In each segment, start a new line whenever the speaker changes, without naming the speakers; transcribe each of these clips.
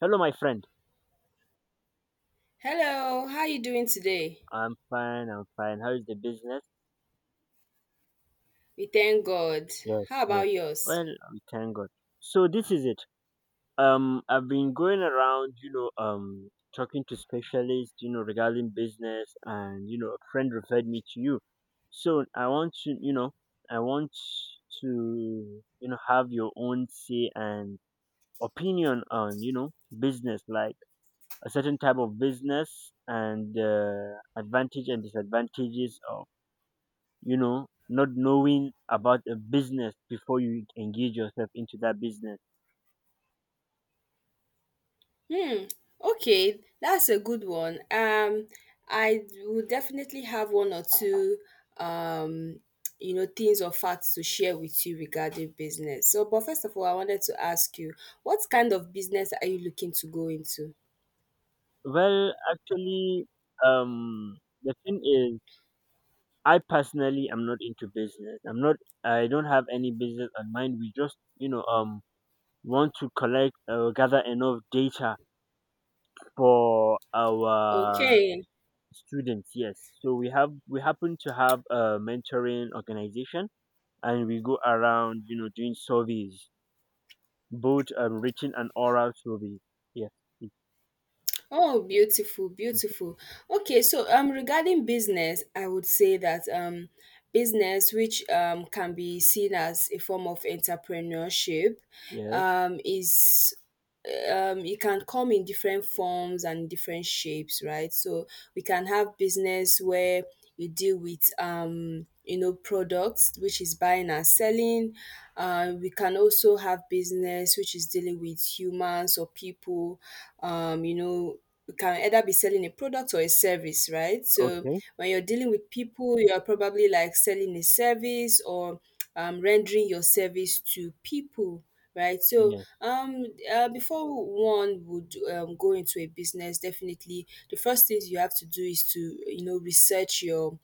Hello, my friend.
Hello, how you doing today?
I'm fine. I'm fine. How is the business?
We thank God.
Yes,
How
yes.
about yours?
Well, we thank God. So this is it. I've been going around, talking to specialists, regarding business, and a friend referred me to you. So I want to, have your own say and opinion on, business, like a certain type of business and advantage and disadvantages of not knowing about a business before you engage yourself into that business.
Hmm, okay, that's a good one. I will definitely have one or two, um, things or facts to share with you regarding business. So, but first of all, I wanted to ask you, what kind of business are you looking to go into?
Well, actually, the thing is, I personally am not into business. I'm not. I don't have any business in mind. We just, want to gather enough data for our
Okay.
students. Yes. So we happen to have a mentoring organization, and we go around, doing surveys, both written and oral, should be. Yes, yes,
Oh, beautiful, beautiful. Okay, so regarding business, I would say that business which can be seen as a form of entrepreneurship
yes,
is it can come in different forms and different shapes, right? So we can have business where you deal with products, which is buying and selling. We can also have business which is dealing with humans or people. um you know you can either be selling a product or a service, right? So
okay,
when you're dealing with people, you're probably like selling a service or rendering your service to people, right? So
yes,
um, before one would go into a business, definitely the first things you have to do is to research your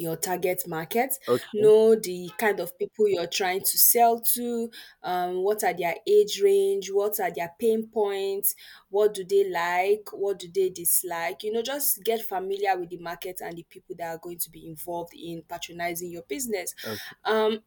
target market,
okay,
know the kind of people you're trying to sell to, what are their age range, what are their pain points, what do they like, what do they dislike. You know, just get familiar with the market and the people that are going to be involved in patronizing your business.
o-
Um,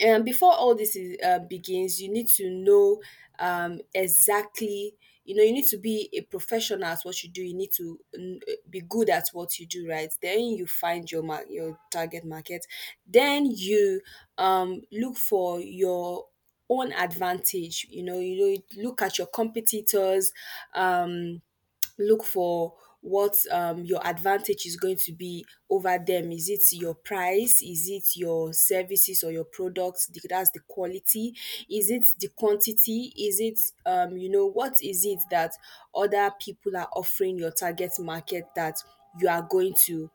and before all this is begins, you need to know exactly, you know, you need to be a professional at what you do. You need to be good at what you do, right? Then you find your your target market, then you look for your own advantage. You know, you know, you look at your competitors, um look for what your advantage is going to be over them. Is it your price? Is it your services or your products? That's the quality. Is it the quantity? Is it you know, what is it that other people are offering your target market that you are going to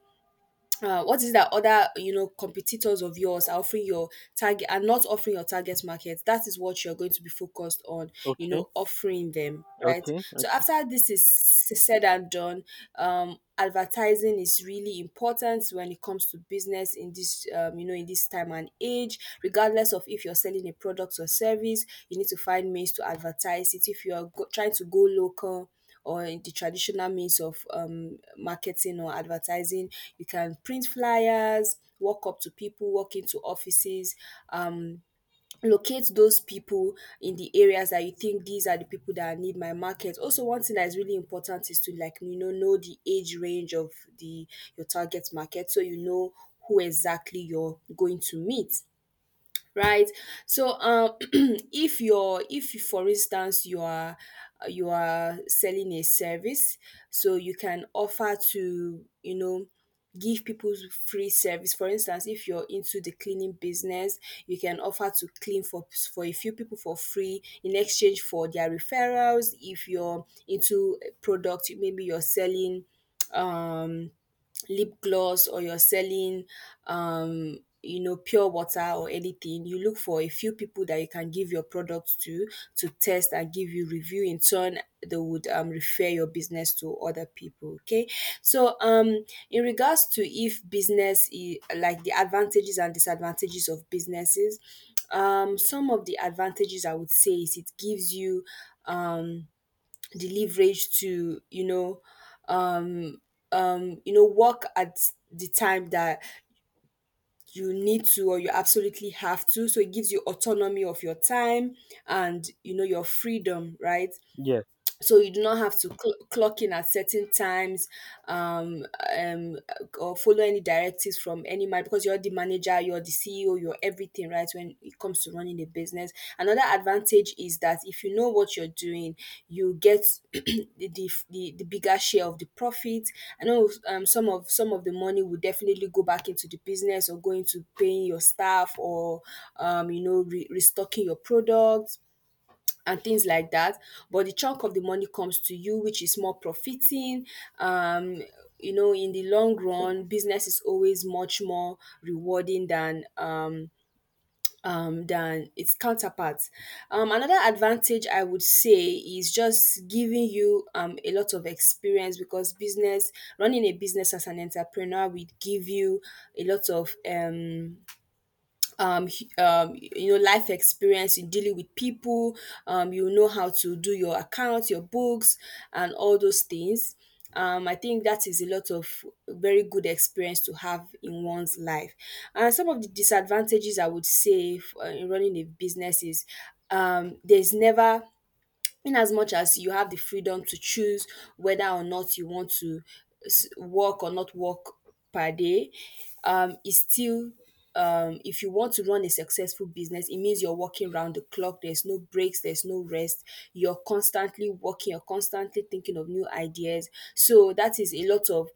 what is it that other, you know, competitors of yours are offering your target, are not offering your target market? That is what you're going to be focused on, you
okay,
know, offering them, right?
okay,
So
okay.
after this is said and done, advertising is really important when it comes to business in this, you know, in this time and age. Regardless of if you're selling a product or service, you need to find means to advertise it. If you are trying to go local or in the traditional means of marketing or advertising, you can print flyers, walk up to people, walk into offices, um, locate those people in the areas that you think these are the people that need my market. Also, one thing that is really important is to, like, you know the age range of the your target market, so you know who exactly you're going to meet, right? So if you're, if for instance you are selling a service, so you can offer to, you know, give people free service. For instance, if you're into the cleaning business, you can offer to clean for a few people for free in exchange for their referrals. If you're into a product, maybe you're selling um lip gloss, or you're selling you know, pure water or anything, you look for a few people that you can give your product to test and give you review in turn. They would refer your business to other people, okay? So in regards to if like the advantages and disadvantages of businesses, some of the advantages I would say is it gives you um the leverage to, you know, you know, work at the time that you need to or you absolutely have to, so it gives you autonomy of your time and, you know, your freedom, right?
Yes.
So you do not have to clock in at certain times, um, um, or follow any directives from any man because you're the manager, you're the CEO, you're everything, right? When it comes to running a business, another advantage is that if you know what you're doing, you get the, the, the bigger share of the profit. I know some of the money will definitely go back into the business or go into paying your staff, or you know, restocking your products and things like that. But the chunk of the money comes to you, which is more profiting. Um, you know, in the long run, business is always much more rewarding than its counterparts. Another advantage I would say is just giving you a lot of experience, because business, running a business as an entrepreneur, would give you a lot of you know, life experience in dealing with people, you know, how to do your accounts, your books, and all those things. I think that is a lot of very good experience to have in one's life. And some of the disadvantages I would say in running a business is there's never, in as much as you have the freedom to choose whether or not you want to work or not work per day, it's still, if you want to run a successful business, it means you're working round the clock. There's no breaks, there's no rest. You're constantly working, you're constantly thinking of new ideas. So that is a lot of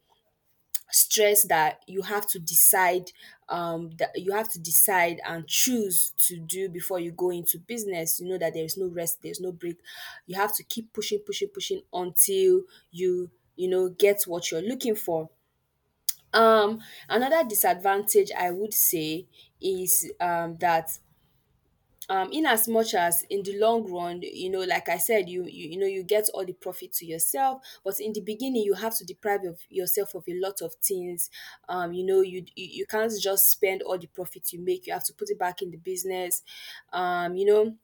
stress that you have to decide and choose to do before you go into business. You know that there is no rest, there's no break. You have to keep pushing, pushing, pushing until you you know, get what you're looking for. um Another disadvantage I would say is that, in as much as in the long run, you know, like I said, you, you know, you get all the profit to yourself, but in the beginning you have to deprive of yourself of a lot of things. You know, you, you can't just spend all the profit you make, you have to put it back in the business. You know,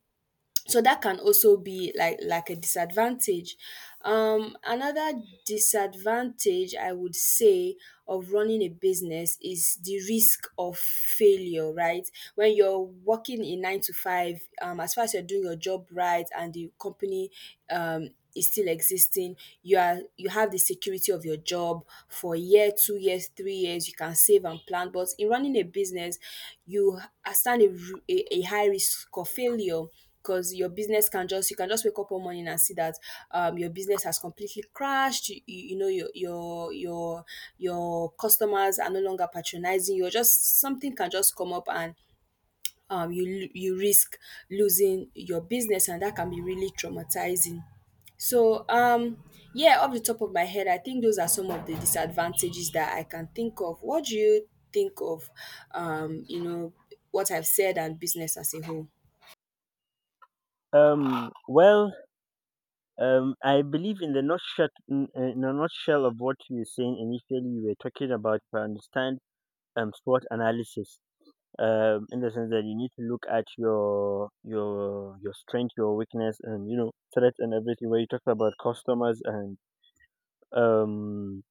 so that can also be like, a disadvantage. Another disadvantage I would say of running a business is the risk of failure, right? When you're working in 9 to 5, as far as you're doing your job right and the company is still existing, you have the security of your job for a year, 2 years, 3 years, you can save and plan. But in running a business, you are stand a, r- a high risk of failure, because your business can just, you can just wake up one morning and see that, your business has completely crashed. You know, your your customers are no longer patronizing you, or just something can just come up and you risk losing your business, and that can be really traumatizing. So yeah, off the top of my head, I think those are some of the disadvantages that I can think of. What do you think of you know, what I've said, and business as a whole?
Well, I believe in the nutshell, in a nutshell, of what you were saying initially. You were talking about, if I understand, SWOT analysis. In the sense that you need to look at your strength, your weakness, and threats and everything. Where you talk about customers and um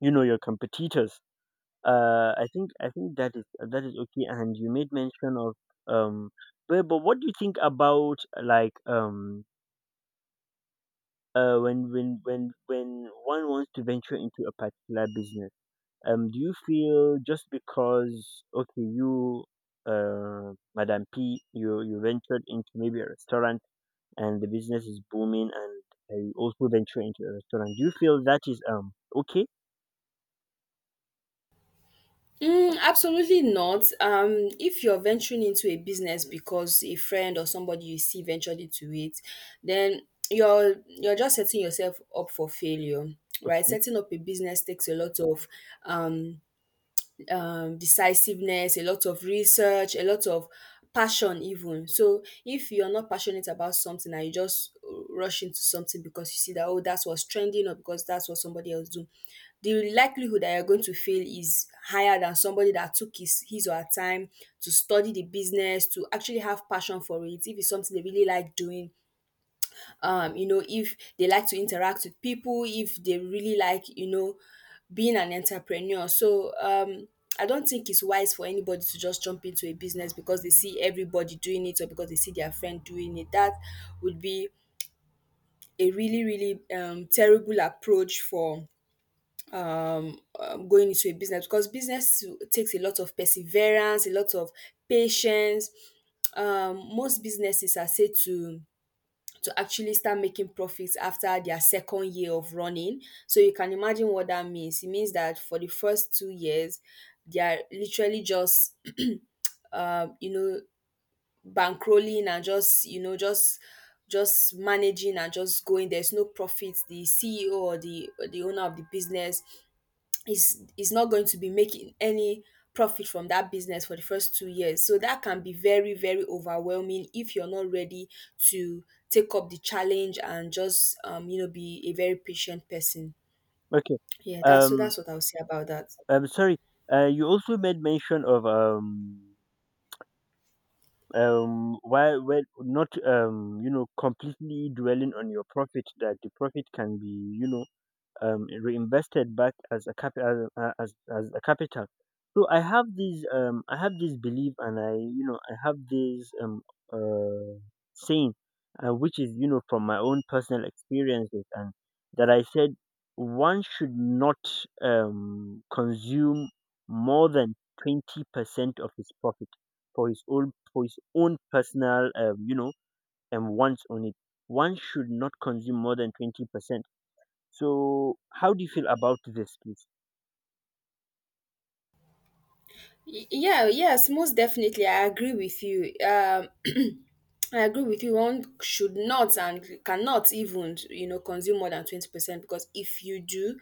your competitors. I think that is okay, and you made mention of, um but what do you think about, like, when one wants to venture into a particular business. Do you feel, just because, okay, you, Madam P, you ventured into maybe a restaurant, and the business is booming, and you also venture into a restaurant? Do you feel that is okay?
Mm, absolutely not. If you're venturing into a business because a friend or somebody you see ventured into it, then you're just setting yourself up for failure, right?
Okay.
Setting up a business takes a lot of um decisiveness, a lot of research, a lot of passion even. So if you're not passionate about something and you just rush into something because you see that, oh, that's what's trending, or because that's what somebody else do, the likelihood that you're going to fail is higher than somebody that took his or her time to study the business, to actually have passion for it. If it's something they really like doing, you know, if they like to interact with people, if they really like, you know, being an entrepreneur. So I don't think it's wise for anybody to just jump into a business because they see everybody doing it, or because they see their friend doing it. That would be a really, really terrible approach for going into a business, because business takes a lot of perseverance, a lot of patience. Most businesses are said to actually start making profits after their second year of running. So you can imagine what that means. It means that for the first 2 years, they are literally just, you know, bankrolling and just, you know, just managing and just going. There's no profit. The CEO or the owner of the business is not going to be making any profit from that business for the first 2 years. So that can be very, very overwhelming if you're not ready to take up the challenge and just be a very patient person.
Okay.
Yeah, that's so
Um,
that's what I'll say about that.
I'm sorry. You also made mention of, why when not, completely dwelling on your profit, that the profit can be, reinvested back as a capital, as a capital. So I have this, I have this belief, and I you know I have this, uh saying, which is, from my own personal experiences, and that I said, one should not, consume more than 20% of his profit, for his own, personal, and wants on it. One should not consume more than 20%. So how do you feel about this, please?
Yeah, yes, most definitely I agree with you. I agree with you. One should not and cannot even, consume more than 20%, because if you do,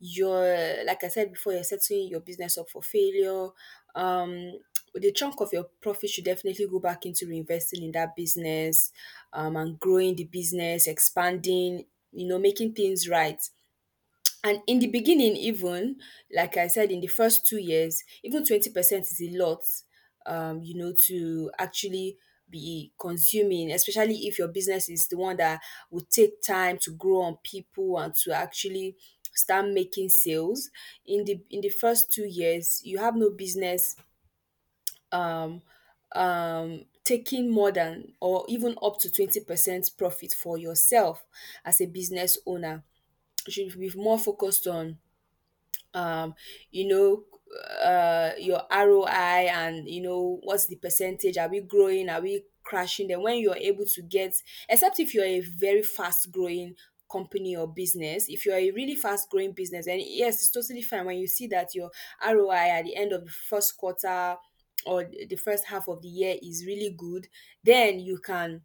you're, like I said before, you're setting your business up for failure. Um, the chunk of your profit should definitely go back into reinvesting in that business, and growing the business, expanding, you know, making things right. And in the beginning, even like I said, in the first 2 years, even 20% is a lot, you know, to actually be consuming, especially if your business is the one that would take time to grow on people and to actually start making sales. In the first 2 years, you have no business um taking more than or even up to 20% profit for yourself as a business owner. You should be more focused on um, you know, your ROI. And you know, what's the percentage? Are we growing? Are we crashing? Then when you're able to get, except if you're a very fast growing company or business, if you're a really fast growing business, and yes, it's totally fine when you see that your ROI at the end of the first quarter or the first half of the year is really good, then you can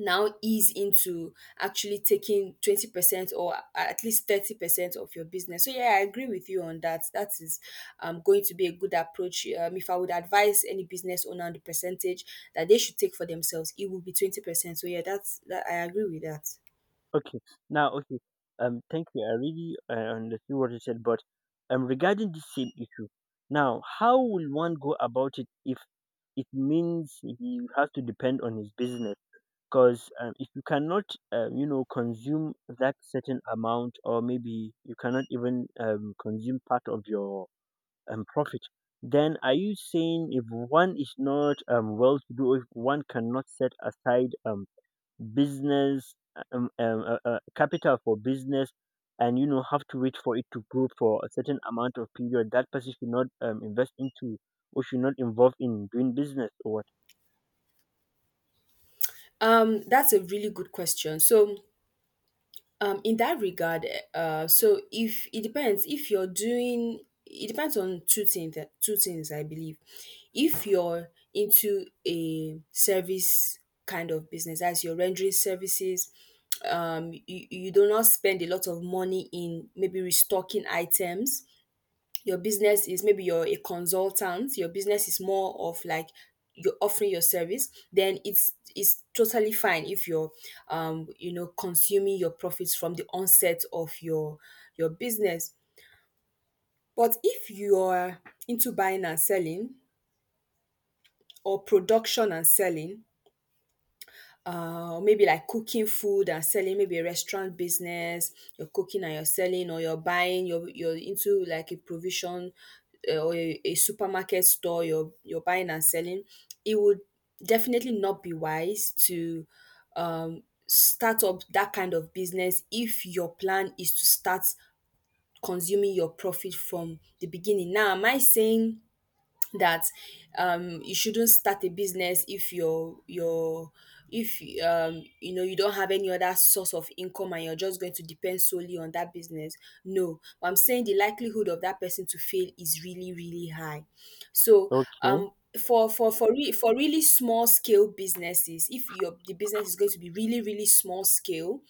now ease into actually taking 20%, or at least 30% of your business. So, yeah, I agree with you on that. That is going to be a good approach. If I would advise any business owner on the percentage that they should take for themselves, it would be 20%. So, yeah, that's that, I agree with that.
Okay, now okay. Thank you. I really understood what you said, but, regarding this same issue, now how will one go about it if it means he has to depend on his business? Because, if you cannot, consume that certain amount, or maybe you cannot even, consume part of your, profit, then are you saying if one is not, well to do, if one cannot set aside, business, capital for business, and have to wait for it to grow for a certain amount of period, that person should not, invest into, or should not involve in doing business, or what?
That's a really good question. So, in that regard, so if it depends if you're doing it depends on two things, I believe. If you're into a service kind of business, as you're rendering services, you do not spend a lot of money in maybe restocking items, your business is maybe you're a consultant, your business is more of like you're offering your service, then it's totally fine if you're consuming your profits from the onset of your business. But if you're into buying and selling or production and selling, maybe like cooking food and selling, maybe a restaurant business, you're cooking and you're selling, or you're buying, you're into like a provision, or a supermarket store, you're buying and selling. It would definitely not be wise to start up that kind of business if your plan is to start consuming your profit from the beginning. Now am I saying that you shouldn't start a business if you're, if you know, you don't have any other source of income and you're just going to depend solely on that business? No, but I'm saying the likelihood of that person to fail is really, really high. So
Okay.
um for really small scale businesses, if your the business is going to be really, really small scale,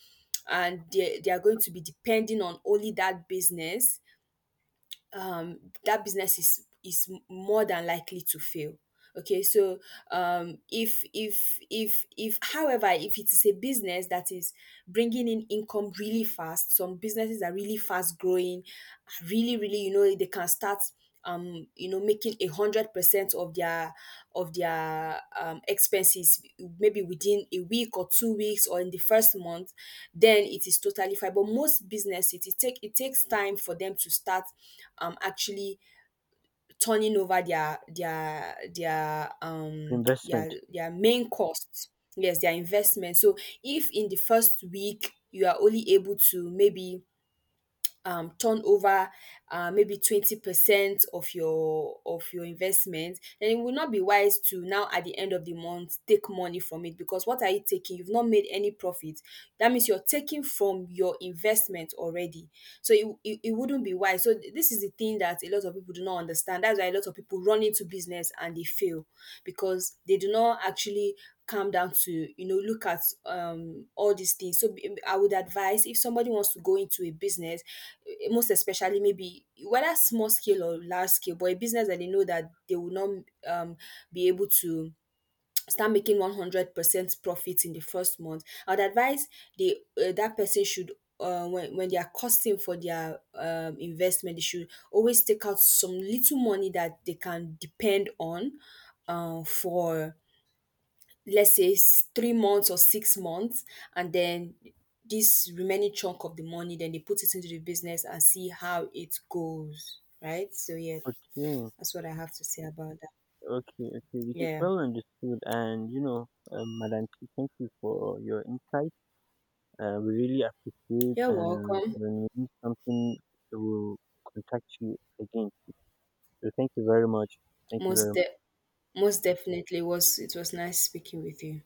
and they are going to be depending on only that business, um, that business is more than likely to fail. Okay, so if however, if it is a business that is bringing in income really fast, some businesses are really fast growing, are really, really, you know, they can start making 100% of their, of their expenses maybe within a week or 2 weeks, or in the first month, then it is totally fine. But most businesses, it takes time for them to start actually turning over their
Investment.
their main costs. Yes, their investment. So if in the first week you are only able to maybe turn over maybe 20% of your investment, then it will not be wise to now at the end of the month take money from it, because what are you taking? You've not made any profit. That means you're taking from your investment already. So it wouldn't be wise. So this is the thing that a lot of people do not understand, that's why a lot of people run into business and they fail, because they do not actually come down to, you know, look at all these things. So I would advise, if somebody wants to go into a business, most especially maybe, whether small scale or large scale, but a business that they know that they will not um be able to start making 100% profit in the first month, I would advise the that person should, when they are costing for their investment, they should always take out some little money that they can depend on, for let's say 3 months or 6 months. And then this remaining chunk of the money, then they put it into the business and see how it goes, right? So, yeah,
Okay,
that's what I have to say about that.
okay, okay, which is
Yeah,
well understood. And, Madam P, thank you for your insight. We really appreciate,
you're
and
welcome.
when we need something, we'll contact you again. So thank you very much. Thank you
Most
very
de- Most definitely, was it was nice speaking with you.